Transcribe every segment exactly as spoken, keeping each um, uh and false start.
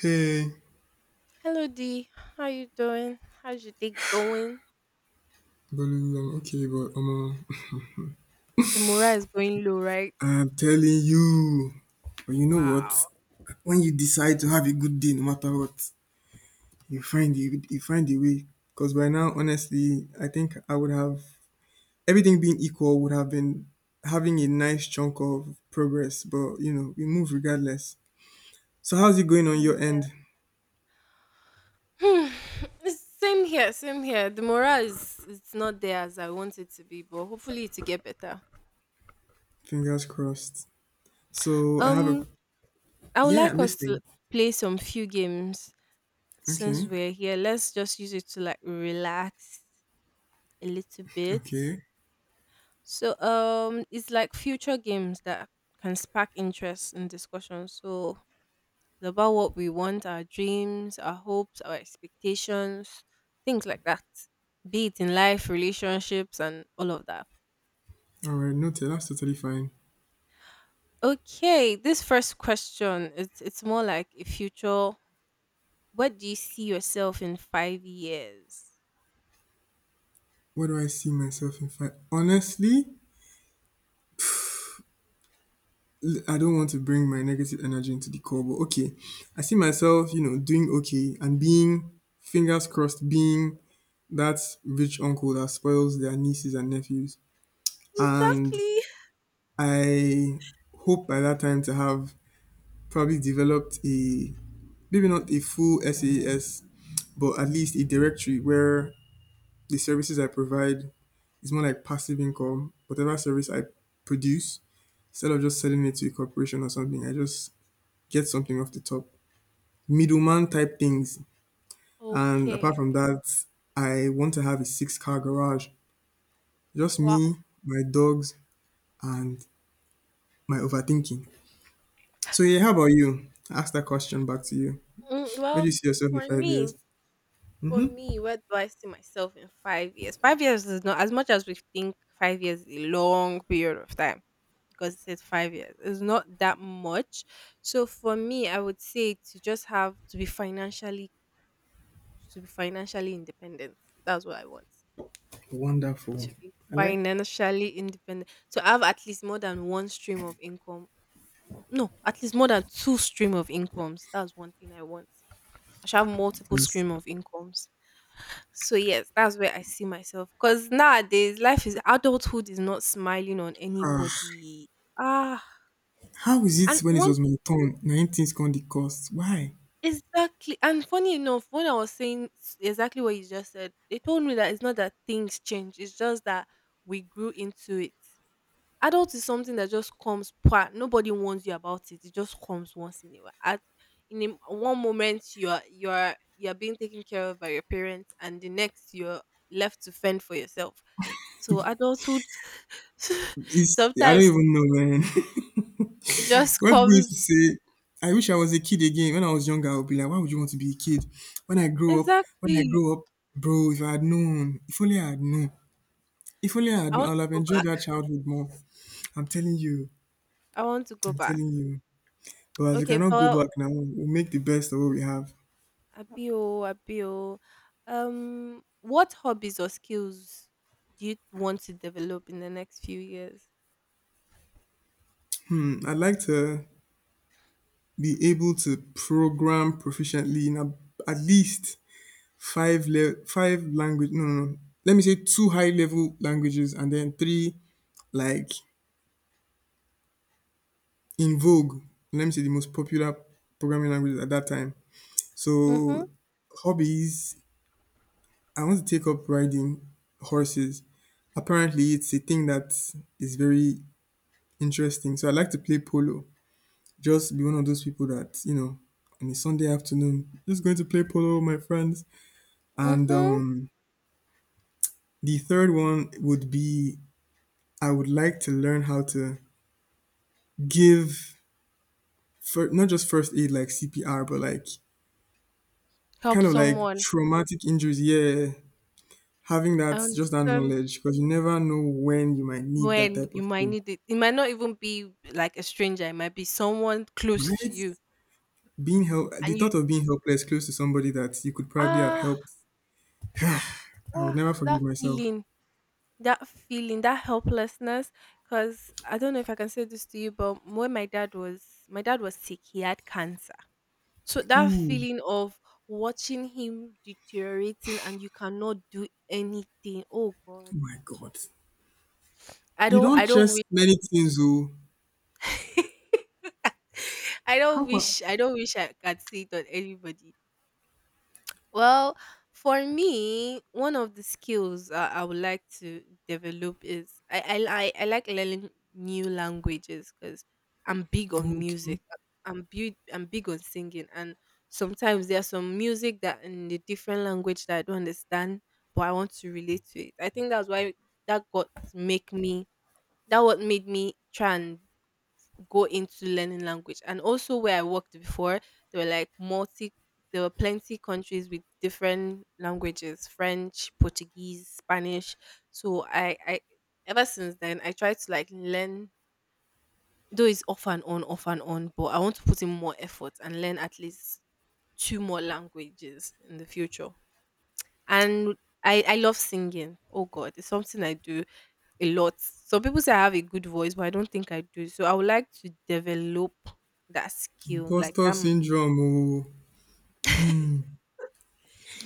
Hey, Hello D, how you doing? How's your day going? Bolu, I'm okay, but omo, The morale is going low, right? I'm telling you. But you know what? Wow. When you decide to have a good day, no matter what, you find you, you find a way. Because by now, honestly, I think I would have, everything being equal, would have been having a nice chunk of progress. But you know, we move regardless. So how's it going on your Mm. end? Hmm, it's same here, same here. The morale is it's not there as I want it to be, but hopefully it will get better. Fingers crossed. So I have a, Um, I would yeah, like I'm us to listening. play some few games since Okay, we're here. Let's just use it to like relax a little bit. okay, So um, it's like future games that can spark interest and discussion. So it's about what we want, our dreams, our hopes, our expectations, things like that. Be it in life, relationships, and all of that. all right, noted. That's totally fine. Okay, this first question it's it's more like a future. What do you see yourself in five years? Where do I see myself in five? Honestly, I don't want to bring my negative energy into the call, but okay. I see myself, you know, doing okay and being, fingers crossed, being that rich uncle that spoils their nieces and nephews. And Exactly. I hope by that time to have probably developed a, maybe not a full SaaS, but at least a directory where the services I provide is more like passive income. Whatever service I produce, instead of just selling it to a corporation or something, I just get something off the top. Middleman type things. And apart Okay. from that, I want to have a six car garage. Just Wow. me, my dogs, and my overthinking. So yeah, how about you? I ask that question back to you. Mm, Where do well, you see yourself in for five me, years? for Hmm. me, where do I see myself in five years? Five years is not as much as we think. Five years is a long period of time, because it says five years. It's not that much. So for me, I would say to just have to be financially to be financially independent. That's what I want. Wonderful. To be I like financially independent. So I have at least more than one stream of income. No, at least more than two stream of incomes. That's one thing I want. I should have that multiple place. stream of incomes. So yes, that's where I see myself. Because nowadays, life is adulthood is not smiling on Ah, anybody. Ah, how is and it when it one was my turn? Nineteen things gone the cost. Why? exactly. And funny enough, when I was saying s- exactly what you just said, they told me that it's not that things change, it's just that we grew into it. Adult is something that just comes pat. Nobody warns you about it. It just comes once in a while. At in a m One moment you're you're you're being taken care of by your parents and the next you're left to fend for yourself. So adulthood It's, I don't sometimes even know, man. it just What people used to comes say, I wish I was a kid again. When I was younger, I would be like, why would you want to be a kid? When I grow up, when I exactly. grow up, bro, if I had known, if only I had known, if only I had I known, I want would to have go enjoyed back. that childhood more. I'm telling you, I want to go I'm back. telling you. But as we Okay, cannot go for back now, we'll make the best of what we have. Abio, Abio. Um, what hobbies or skills do you want to develop in the next few years? Hmm, I'd like to be able to program proficiently in a, at least five le- five language. No, no, no. Let me say two high level languages and then three like in vogue. Let me say the most popular programming language at that time. Mhm, So hobbies, I want to take up riding horses. Apparently, it's a thing that is very interesting. So I like to play polo. Just be one of those people that, you know on a Sunday afternoon, just going to play polo with my friends. And mhm. um, the third one would be, I would like to learn how to give fir- not just first aid like C P R, but like Help kind of like someone. traumatic injuries, yeah. Having I that, just that understand knowledge, because you never know when you might need that when type you of might thing, need it. It might not even be like a stranger. It might be someone close to right? you, Being help, the and you thought of being helpless close to somebody that you could probably have ah, helped, I would ah, never that forgive myself. feeling, that feeling, that helplessness. Because I don't know if I can say this to you, but when my dad was my dad was sick, he had cancer. So that Ooh, feeling of watching him deteriorating and you cannot do anything. Oh God. oh my God. I You don't don't, I don't wish, just many things, oh. I How don't about, wish I don't wish I could see it on anybody. Well, for me, one of the skills uh, I would like to develop is I I, li- I like learning new languages because I'm big on oh, music. okay, I'm big I'm big on singing, and sometimes there's some music that in a different language that I don't understand, but I want to relate to it. I think that's why that got make me that what made me try and go into learning language. And also where I worked before, there were like multi there were plenty countries with different languages, French, Portuguese, Spanish. So I I ever since then I try to like learn, though it's off and on, off and on, but I want to put in more effort and learn at least two more languages in the future. And I, I love singing. Oh God, it's something I do a lot. Some people say I have a good voice, but I don't think I do. So I would like to develop that skill, like that. imposter M- syndrome, oh.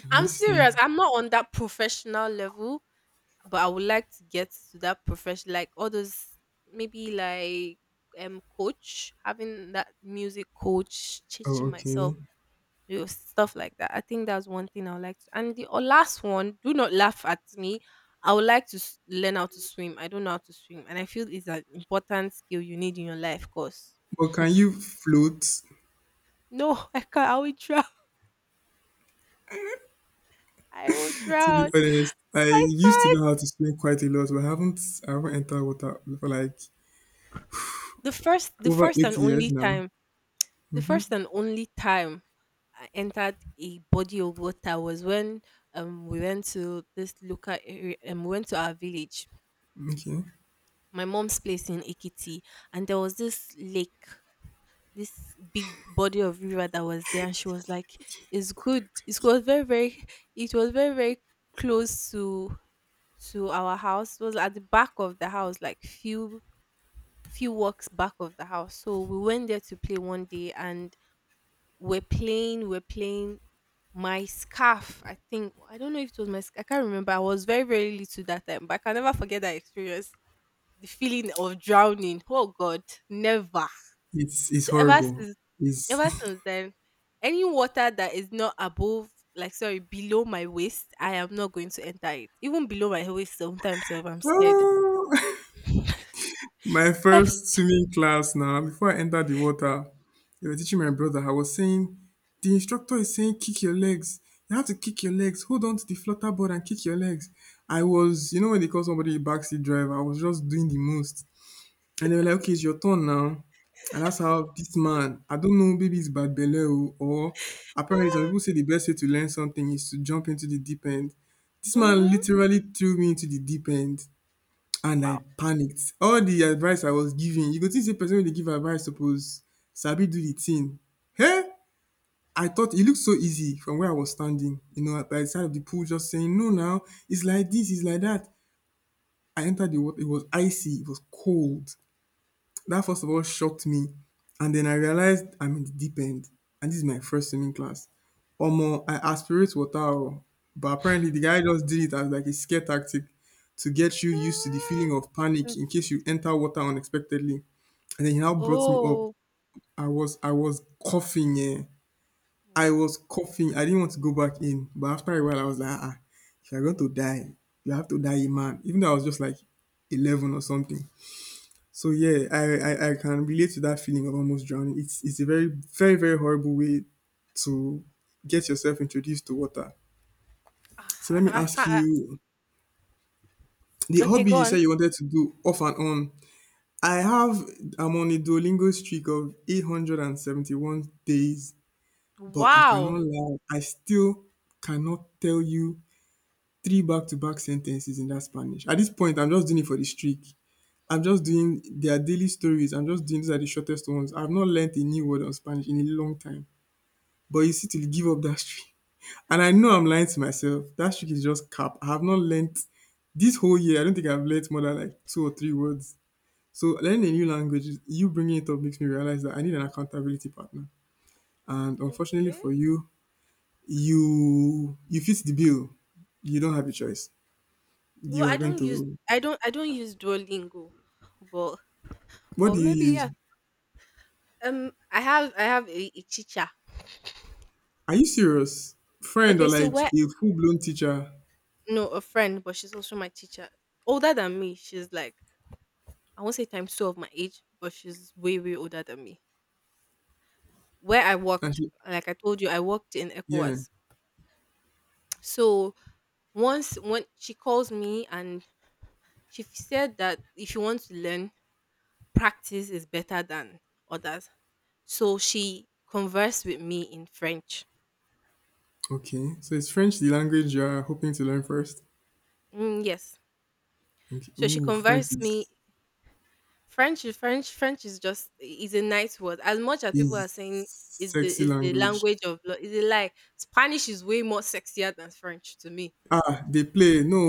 I'm I'm serious. listening. I'm not on that professional level, but I would like to get to that profession, like all those maybe like um coach, having that music coach, Oh, teaching okay. myself. You know, stuff like that. I think that's one thing I would like to. And the uh, last one, do not laugh at me. I would like to s- learn how to swim. I don't know how to swim, and I feel it's an important skill you need in your life course. But can you float? No, I can't. I will drown. I will To be drown. honest, I I used to can't. know how to swim quite a lot, but I haven't I haven't entered water for like The first, the over first and eight only years now. time, the first and only time I entered a body of water was when um we went to this local area, um, we went to our village, Okay. my mom's place in Ikiti, and there was this lake, this big body of river that was there, and she was like, "It's God, I good. It beg. was very, very. It was very, very close to." To our house. It was at the back of the house like few few walks back of the house. So we went there to play one day and we're playing, we're playing my scarf. I think I don't know if it was my sc- I can't remember. I was very, very little that time, but I can never forget that experience. The feeling of drowning. Oh God, never. It's it's So ever horrible. since It's Ever since then, any water that is not above like sorry, below my waist, I am not going to enter it. Even below my waist sometimes if I'm scared. Ah! My first swimming class now. Before I entered the water, they were teaching my brother. I was saying The instructor is saying, kick your legs. You have to kick your legs. Hold on to the flutterboard and kick your legs. I was, you know, when they call somebody a backseat driver, I was just doing the most. And they were like, okay, it's your turn now. And that's how this man, I don't know, maybe it's bad belle o, or apparently some people say the best way to learn something is to jump into the deep end. This man mm-hmm. literally threw me into the deep end and Wow. I panicked. All the advice I was giving, you go think say person wey dey give advice suppose sabi do the thing. Hey, I thought it looked so easy from where I was standing, you know, by the side of the pool just saying, no now, it's like this, it's like that. I entered the water, it was icy, it was cold. That first of all shocked me. And then I realized I'm in the deep end. And this is my first swimming class. Omo, I aspirate water, oh. But apparently the guy just did it as like a scare tactic to get you used to the feeling of panic in case you enter water unexpectedly. And then he now brought me up. Oh. I was I was coughing, eh. I Wow. was coughing. I didn't want to go back in. But after a while I was like, ah, ah, if you're going to die, you have to die a man. Even though I was just like eleven or something. So yeah, I, I I can relate to that feeling of almost drowning. It's it's a very very very horrible way to get yourself introduced to water. Ah, So let me I I ask can't, you, the okay, hobby go you on. said you wanted to do off and on. I have I'm on a Duolingo streak of eight hundred seventy-one days, but I Wow. cannot lie, I still cannot tell you three back to back sentences in that Spanish. At this point, I'm just doing it for the streak. I'm just doing their daily stories. I'm just doing, these are the shortest ones. I've not learnt a new word on Spanish in a long time. But you see, to give up that streak. And I know I'm lying to myself. That streak is just cap. I have not learnt this whole year. I don't think I've learnt more than like two or three words. So learning a new language, you bringing it up makes me realize that I need an accountability partner. And unfortunately Okay. for you, you you fit the bill. You don't have a choice. You Well, are I going don't use to. I don't I don't use Duolingo, but What but do you maybe use? yeah. Um, I have I have a, a teacher. Are you serious? Friend or Okay, so like where a full blown teacher? No, a friend, but she's also my teacher. Older than me, she's like I won't say times two of my age, but she's way way older than me. Where I And worked, she, like I told you, I worked in yeah. ECOWAS. So once when she calls me and she said that if you want to learn practice is better than others. So she conversed with me in French. Okay. So is French the language you're hoping to learn first? Mm, yes. Okay. So she Ooh, French conversed me is French is French French is just is a nice word. As much as people is are saying is the sexy is the language. language of lo- is a lie. Spanish is way more sexier than French to me. Ah, they play no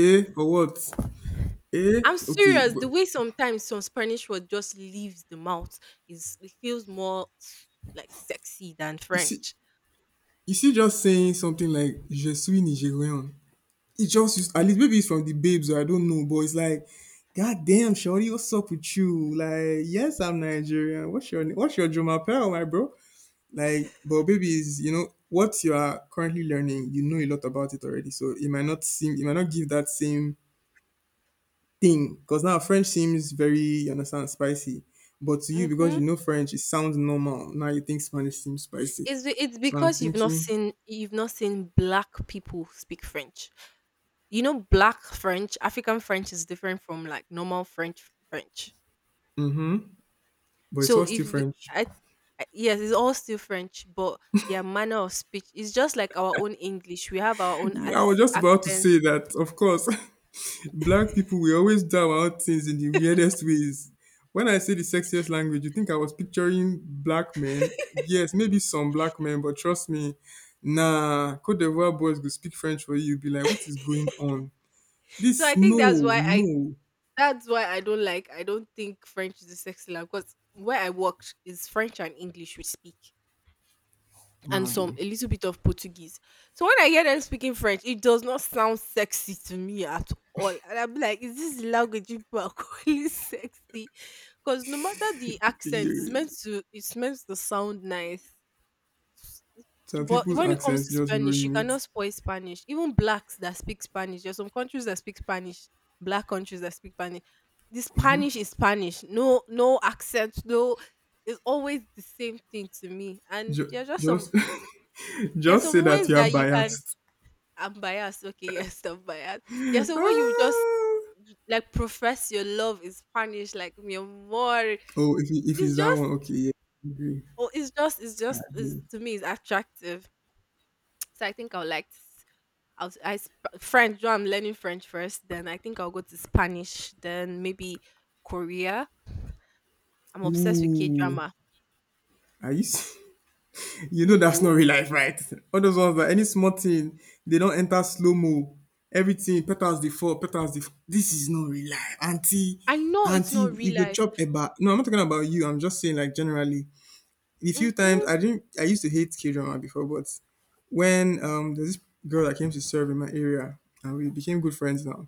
eh or what? Eh? I'm Okay, serious. but The way sometimes some Spanish word just leaves the mouth is it feels more s- like sexy than you see, French. you see just saying something like je suis Nigerian. It just used, at least maybe it's from the babes or I don't know, but it's like, God damn, Shorty, what's up with you? Like, yes, I'm Nigerian. What's your, what's your drama pal, my bro? Like, but baby is, you know, what you are currently learning, you know a lot about it already. So it might not seem, it might not give that same thing. Because now French seems very, you understand, spicy. But to you, because Mm-hmm. you know French, it sounds normal. Now you think Spanish seems spicy. It's be- it's So I'm because you've not thinking, seen you've not seen black people speak French. You know, black French, African French is different from like normal French French. but it's So all still if the- French. I, I yes, it's all still French, but their manner of speech is just like our own English. We have our own I was acc- just about to accent. say that, of course. Black people, we always do out things in the weirdest ways. When I say the sexiest language, you think I was picturing black men? Yes, maybe some black men, but trust me, nah, Cote d'Ivoire boys go speak French for you. You be like, what is going on? So This, I think that's no, why I no, that's why I don't like I don't think French is a sexy language because where I worked is French and English we speak, and some Mado. a little bit of Portuguese. So when I hear them speaking French, it does not sound sexy to me at all. And I'm like, is this the language you people are calling sexy? Because no matter the accent, it's You- meant to it's meant to sound nice. Some But people's when it comes accents to just Spanish, you ruin it. cannot spoil Spanish. Even blacks that speak Spanish, there's some countries that speak Spanish, black countries that speak Spanish. The Spanish is Spanish. No, no accent. No, it's always the same thing to me. And Ju- there are just some Just, there are just say some that ways you are that you can biased. I'm biased. Okay, yes, I'm biased. There's some way you just Ah. y- like profess your love in Spanish, like mi amor. Oh, if, it- if It's it's that just, one, okay, yeah, I agree. oh, it's just, it's I just, it's, agree. to me, it's attractive. So I think I'll like, s- I'll, s- I sp- French. Though I'm learning French first, then I think I'll go to Spanish, then maybe Korea. I'm obsessed with K Ooh, drama. are you? s- You know that's Hmm not real life, right? All those ones that any small thing, they don't enter slow mo. Everything petals the fall, petals the. This is not real life, auntie. I know it's Auntie, not real you go life. chop eba. No, I'm not talking about you. I'm just saying like generally. The few times Hmm I didn't, I used to hate K drama before, but when um there's this girl that came to serve in my area, and we became good friends now.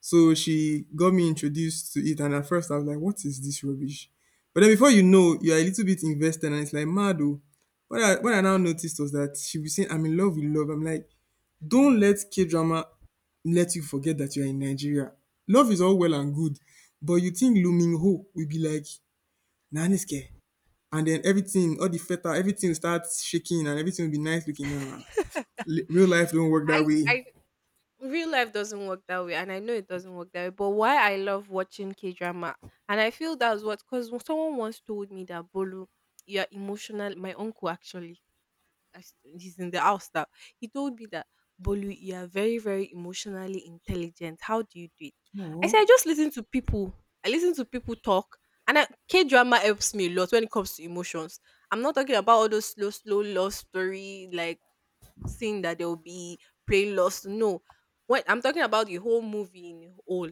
So she got me introduced to it, and at first I was like, "What is this rubbish?" But then before you know, you are a little bit invested, and it's like mad. Oh. What I what I now noticed was that she was saying, "I'm in love with love." I'm like, "Don't let K drama let you forget that you are in Nigeria. Love is all well and good, but you think Lu Min Ho will be like Naniske, and then everything, all the feta, everything starts shaking, and everything will be nice looking. Nah, li- real life don't work that I way. I real life doesn't work that way and I know it doesn't work that way but why I love watching k-drama and I feel that's what because someone once told me that bolu you're emotional my uncle actually I s- he's in the house now he told me that bolu you are very very emotionally intelligent how do you do it I Aww. said I just listen to people I listen to people talk and I, k-drama helps me a lot when it comes to emotions I'm not talking about all those slow slow love story like saying that there will be prey lost. No, what I'm talking about the whole movie in whole.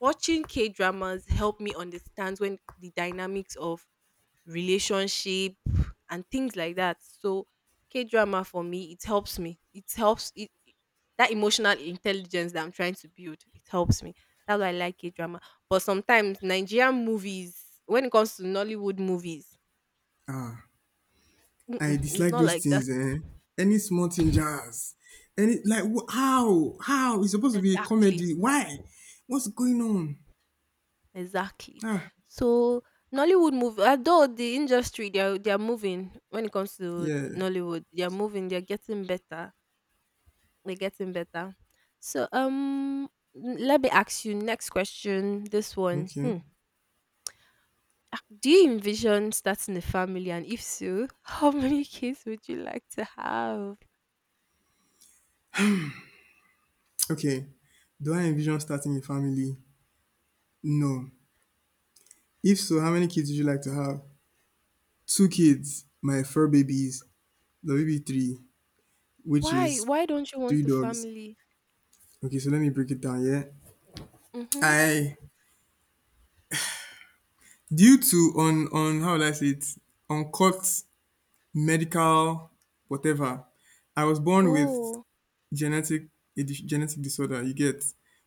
Watching K dramas help me understand when the dynamics of relationship and things like that. So K drama for me, it helps me. It helps it it- that emotional intelligence that I'm trying to build. It helps me. That's why I like K drama. But sometimes Nigerian movies, when it comes to Nollywood movies, I mm-mm, it's dislike not those like that things, eh? Any small thing jazz. Any like wh- how? How? It's supposed to be a exactly. comedy. Why? What's going on? Exactly. Ah, So Nollywood movie. Although the industry they are they are moving when it comes to yeah. Nollywood, they are moving, they're getting better. They're getting better. So um n- let me ask you next question, this one. Okay. Hmm. Ah, Do you envision starting a family and if so, how many kids would you like to have? Okay. Do I envision starting a family? No. If so, how many kids would you like to have? Two kids, my fur babies, the baby three, which Why is why don't you want three the dogs. family? Okay, so let me break it down, yeah? Mm-hmm. I due to on on how would I say it? Uncut medical whatever. I was born with Oh. genetic a dis- genetic disorder. You get,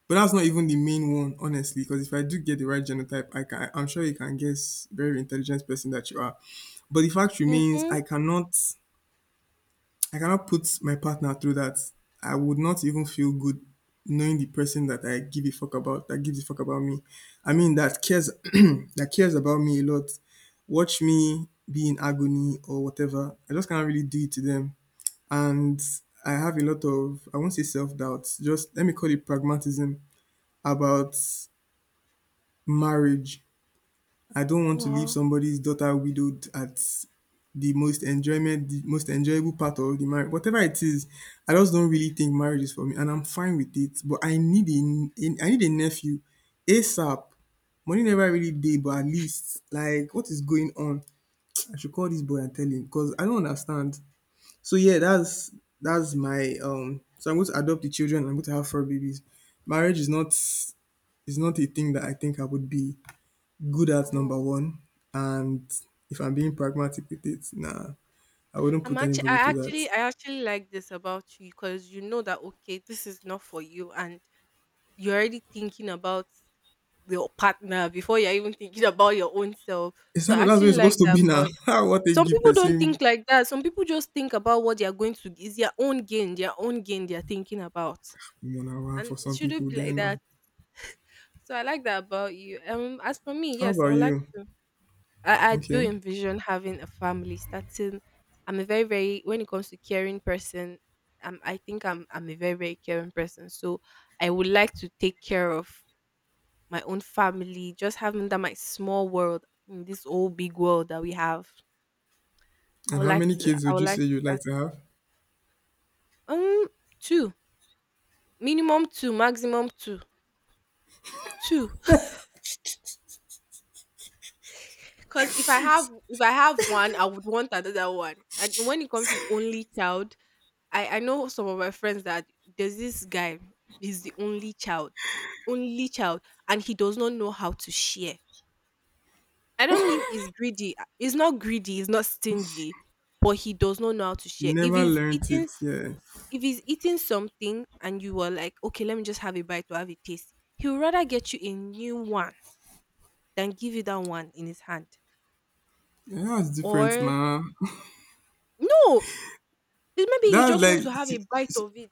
but that's not even the main one, honestly. Because if I do get the right genotype, I can. I'm sure you can guess, very intelligent person that you are. But the fact remains, Mm-hmm. I cannot. I cannot put my partner through that. I would not even feel good knowing the person that I give a fuck about, that gives a fuck about me. I mean, that cares, that cares about me a lot. Watch me be in agony or whatever. I just cannot really do it to them. And I have a lot of, I won't say self doubt, just let me call it pragmatism about marriage. I don't want to leave Wow. somebody's daughter widowed at the most enjoyment, the most enjoyable part of the marriage, whatever it is. I just don't really think marriage is for me, and I'm fine with it. But I need a, I need a nephew, ASAP. Money never really did, but at least like what is going on? I should call this boy and tell him because I don't understand. So yeah, that's that's my um. So I'm going to adopt the children. I'm going to have four babies. Marriage is not is not a thing that I think I would be good at, number Oh. one. And if I'm being pragmatic with it, nah, I wouldn't I'm put actually, I anybody to that. actually, I actually like this about you because you know that okay, this is not for you, and you're already thinking about your partner before you're even thinking about your own self. It's So I not, that's what actually it's like supposed to that be now. about. How what they Some give people don't person think like that. Some people just think about what they're going to is their own gain, their own gain they're thinking about, one hour and for it some shouldn't people be like then. uh, that. So I like that about you. Um, as for me, How yes, I about would like you? to. I, I do Okay. envision having a family starting. I'm a very, very, when it comes to caring person, um, I think I'm, I'm a very, very caring person. So I would like to take care of my own family, just having that my small world in this old big world that we have. I And would how like many to, kids I would would you like say you'd that. like to have? Um, Two, minimum two, maximum two, two. Because if I have, if I have one, I would want another one. And when it comes to only child, I I know some of my friends that there's this guy, he's the only child, only child, and he does not know how to share. I don't mean he's greedy. uh, He's not greedy. He's not stingy, but he does not know how to share. You If never he's learnt eating, it, yeah. If he's eating something, and you are like, okay, let me just have a bite to have a taste, he would rather get you a new one than give you that one in his hand. Yeah, that's different Or now. no, it- maybe you That's just want like, to have a see, bite of it,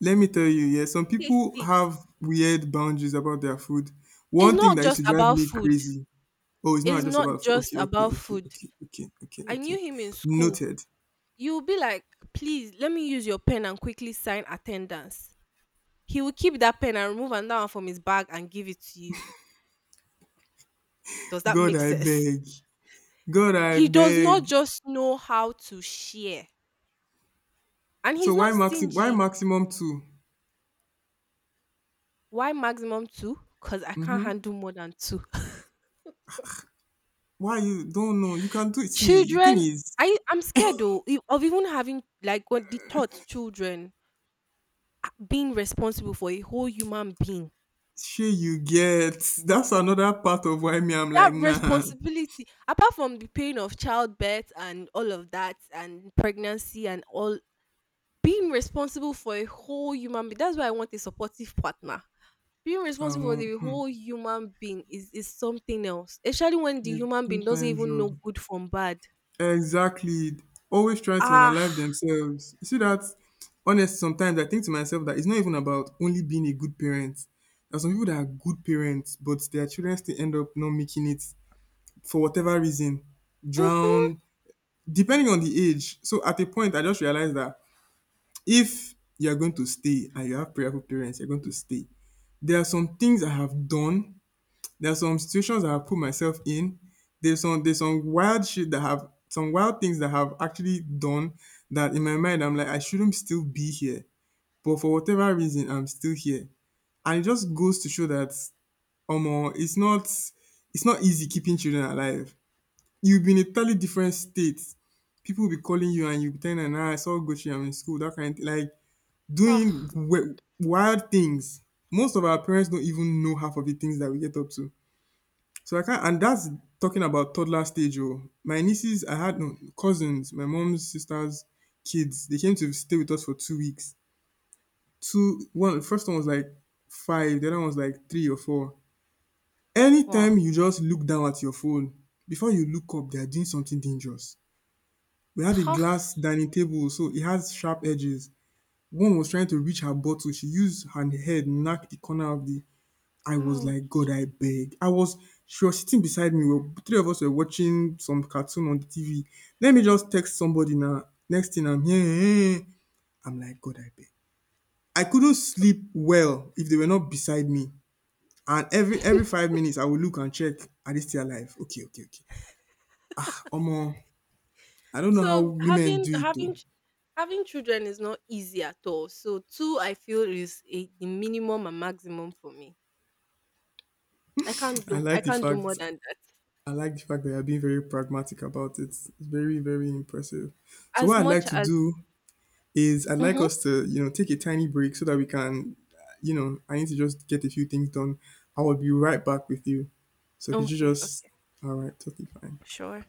let me tell you, yeah, some taste people it. have weird boundaries about their food. It's One thing not that used just to drive about me food. crazy. Oh, it's It's not just not about food. just Okay, okay, about okay, food. okay, okay, okay, I knew okay. him in school. Noted. You'll be like, please let me use your pen and quickly sign attendance. He will keep that pen and remove another one from his bag and give it to you. Does that God, make I sense? beg. God, I He does not beg. just know how to share. And he's So why not maximum? Why stingy. maximum two? Why maximum two? Because I can't handle more than two. Why, you don't know? You can do it. See, the thing Children, is, I, I'm scared though e- of even having like what the thought children being responsible for a whole human being. shey you get. That's another part of why me. I'm That like, nah. responsibility apart from the pain of childbirth and all of that and pregnancy and all, being responsible for a whole human being, that's why I want a supportive partner. Being responsible for Um, the hmm. whole human being is is something else, especially when the A human full being doesn't time even know job. good from bad. Exactly. Always try to unalive Ah. themselves. You see that, honest, sometimes I think to myself that it's not even about only being a good parent. There are some people that are good parents, but their children still end up not making it for whatever reason. Mm-hmm. Drown, depending on the age. So at a point I just realized that if you're going to stay and you have prayerful parents, you're going to stay. There are some things I have done, there are some situations that I put myself in. There's some there's some wild shit that have, some wild things that have actually done, that in my mind I'm like I shouldn't still be here, but for whatever reason I'm still here, and it just goes to show that omo it's not it's not easy keeping children alive. You'll be in a totally different state. People will be calling you and you'll be telling them, "Ah, I saw Gucci, I'm in school," that kind of thing. Like doing Ah. w- wild things. Most of our parents don't even know half of the things that we get up to. So I can't, and that's talking about toddler stage. Oh, my nieces, I had, no, cousins, my mom's sister's kids. They came to stay with us for two weeks. Two, one, the first one was like five. The other one was like three or four. Wow. Anytime you just look down at your phone, before you look up, they are doing something dangerous. We had a Ah, glass dining table, so it has sharp edges. One was trying to reach her bottle. She used her head, knocked the corner of the, I was ouch. like, God, I beg. I was, she was sitting beside me. Well, three of us were watching some cartoon on the T V. Let me just text somebody now. Next thing I'm here. "Eh, eh." Eh. I'm like, God, I beg. I couldn't so sleep well if they were not beside me. And every every five minutes, I would look and check, are they still alive? Okay, okay, okay. Omo, I don't know how so women having do it though. having ch- having children is not easy at all, so two I feel is a, the minimum and maximum for me. I can't I do I like the can't do more fact than that. I like the fact that you're being very pragmatic about it. It's very, very impressive. So As what I'd like much to as. do is I'd like Mhm. us to, you know, take a tiny break so that we can, you know, I need to just get a few things done. I will be right back with you. So could you Okay, just, okay. all right, totally fine. Sure.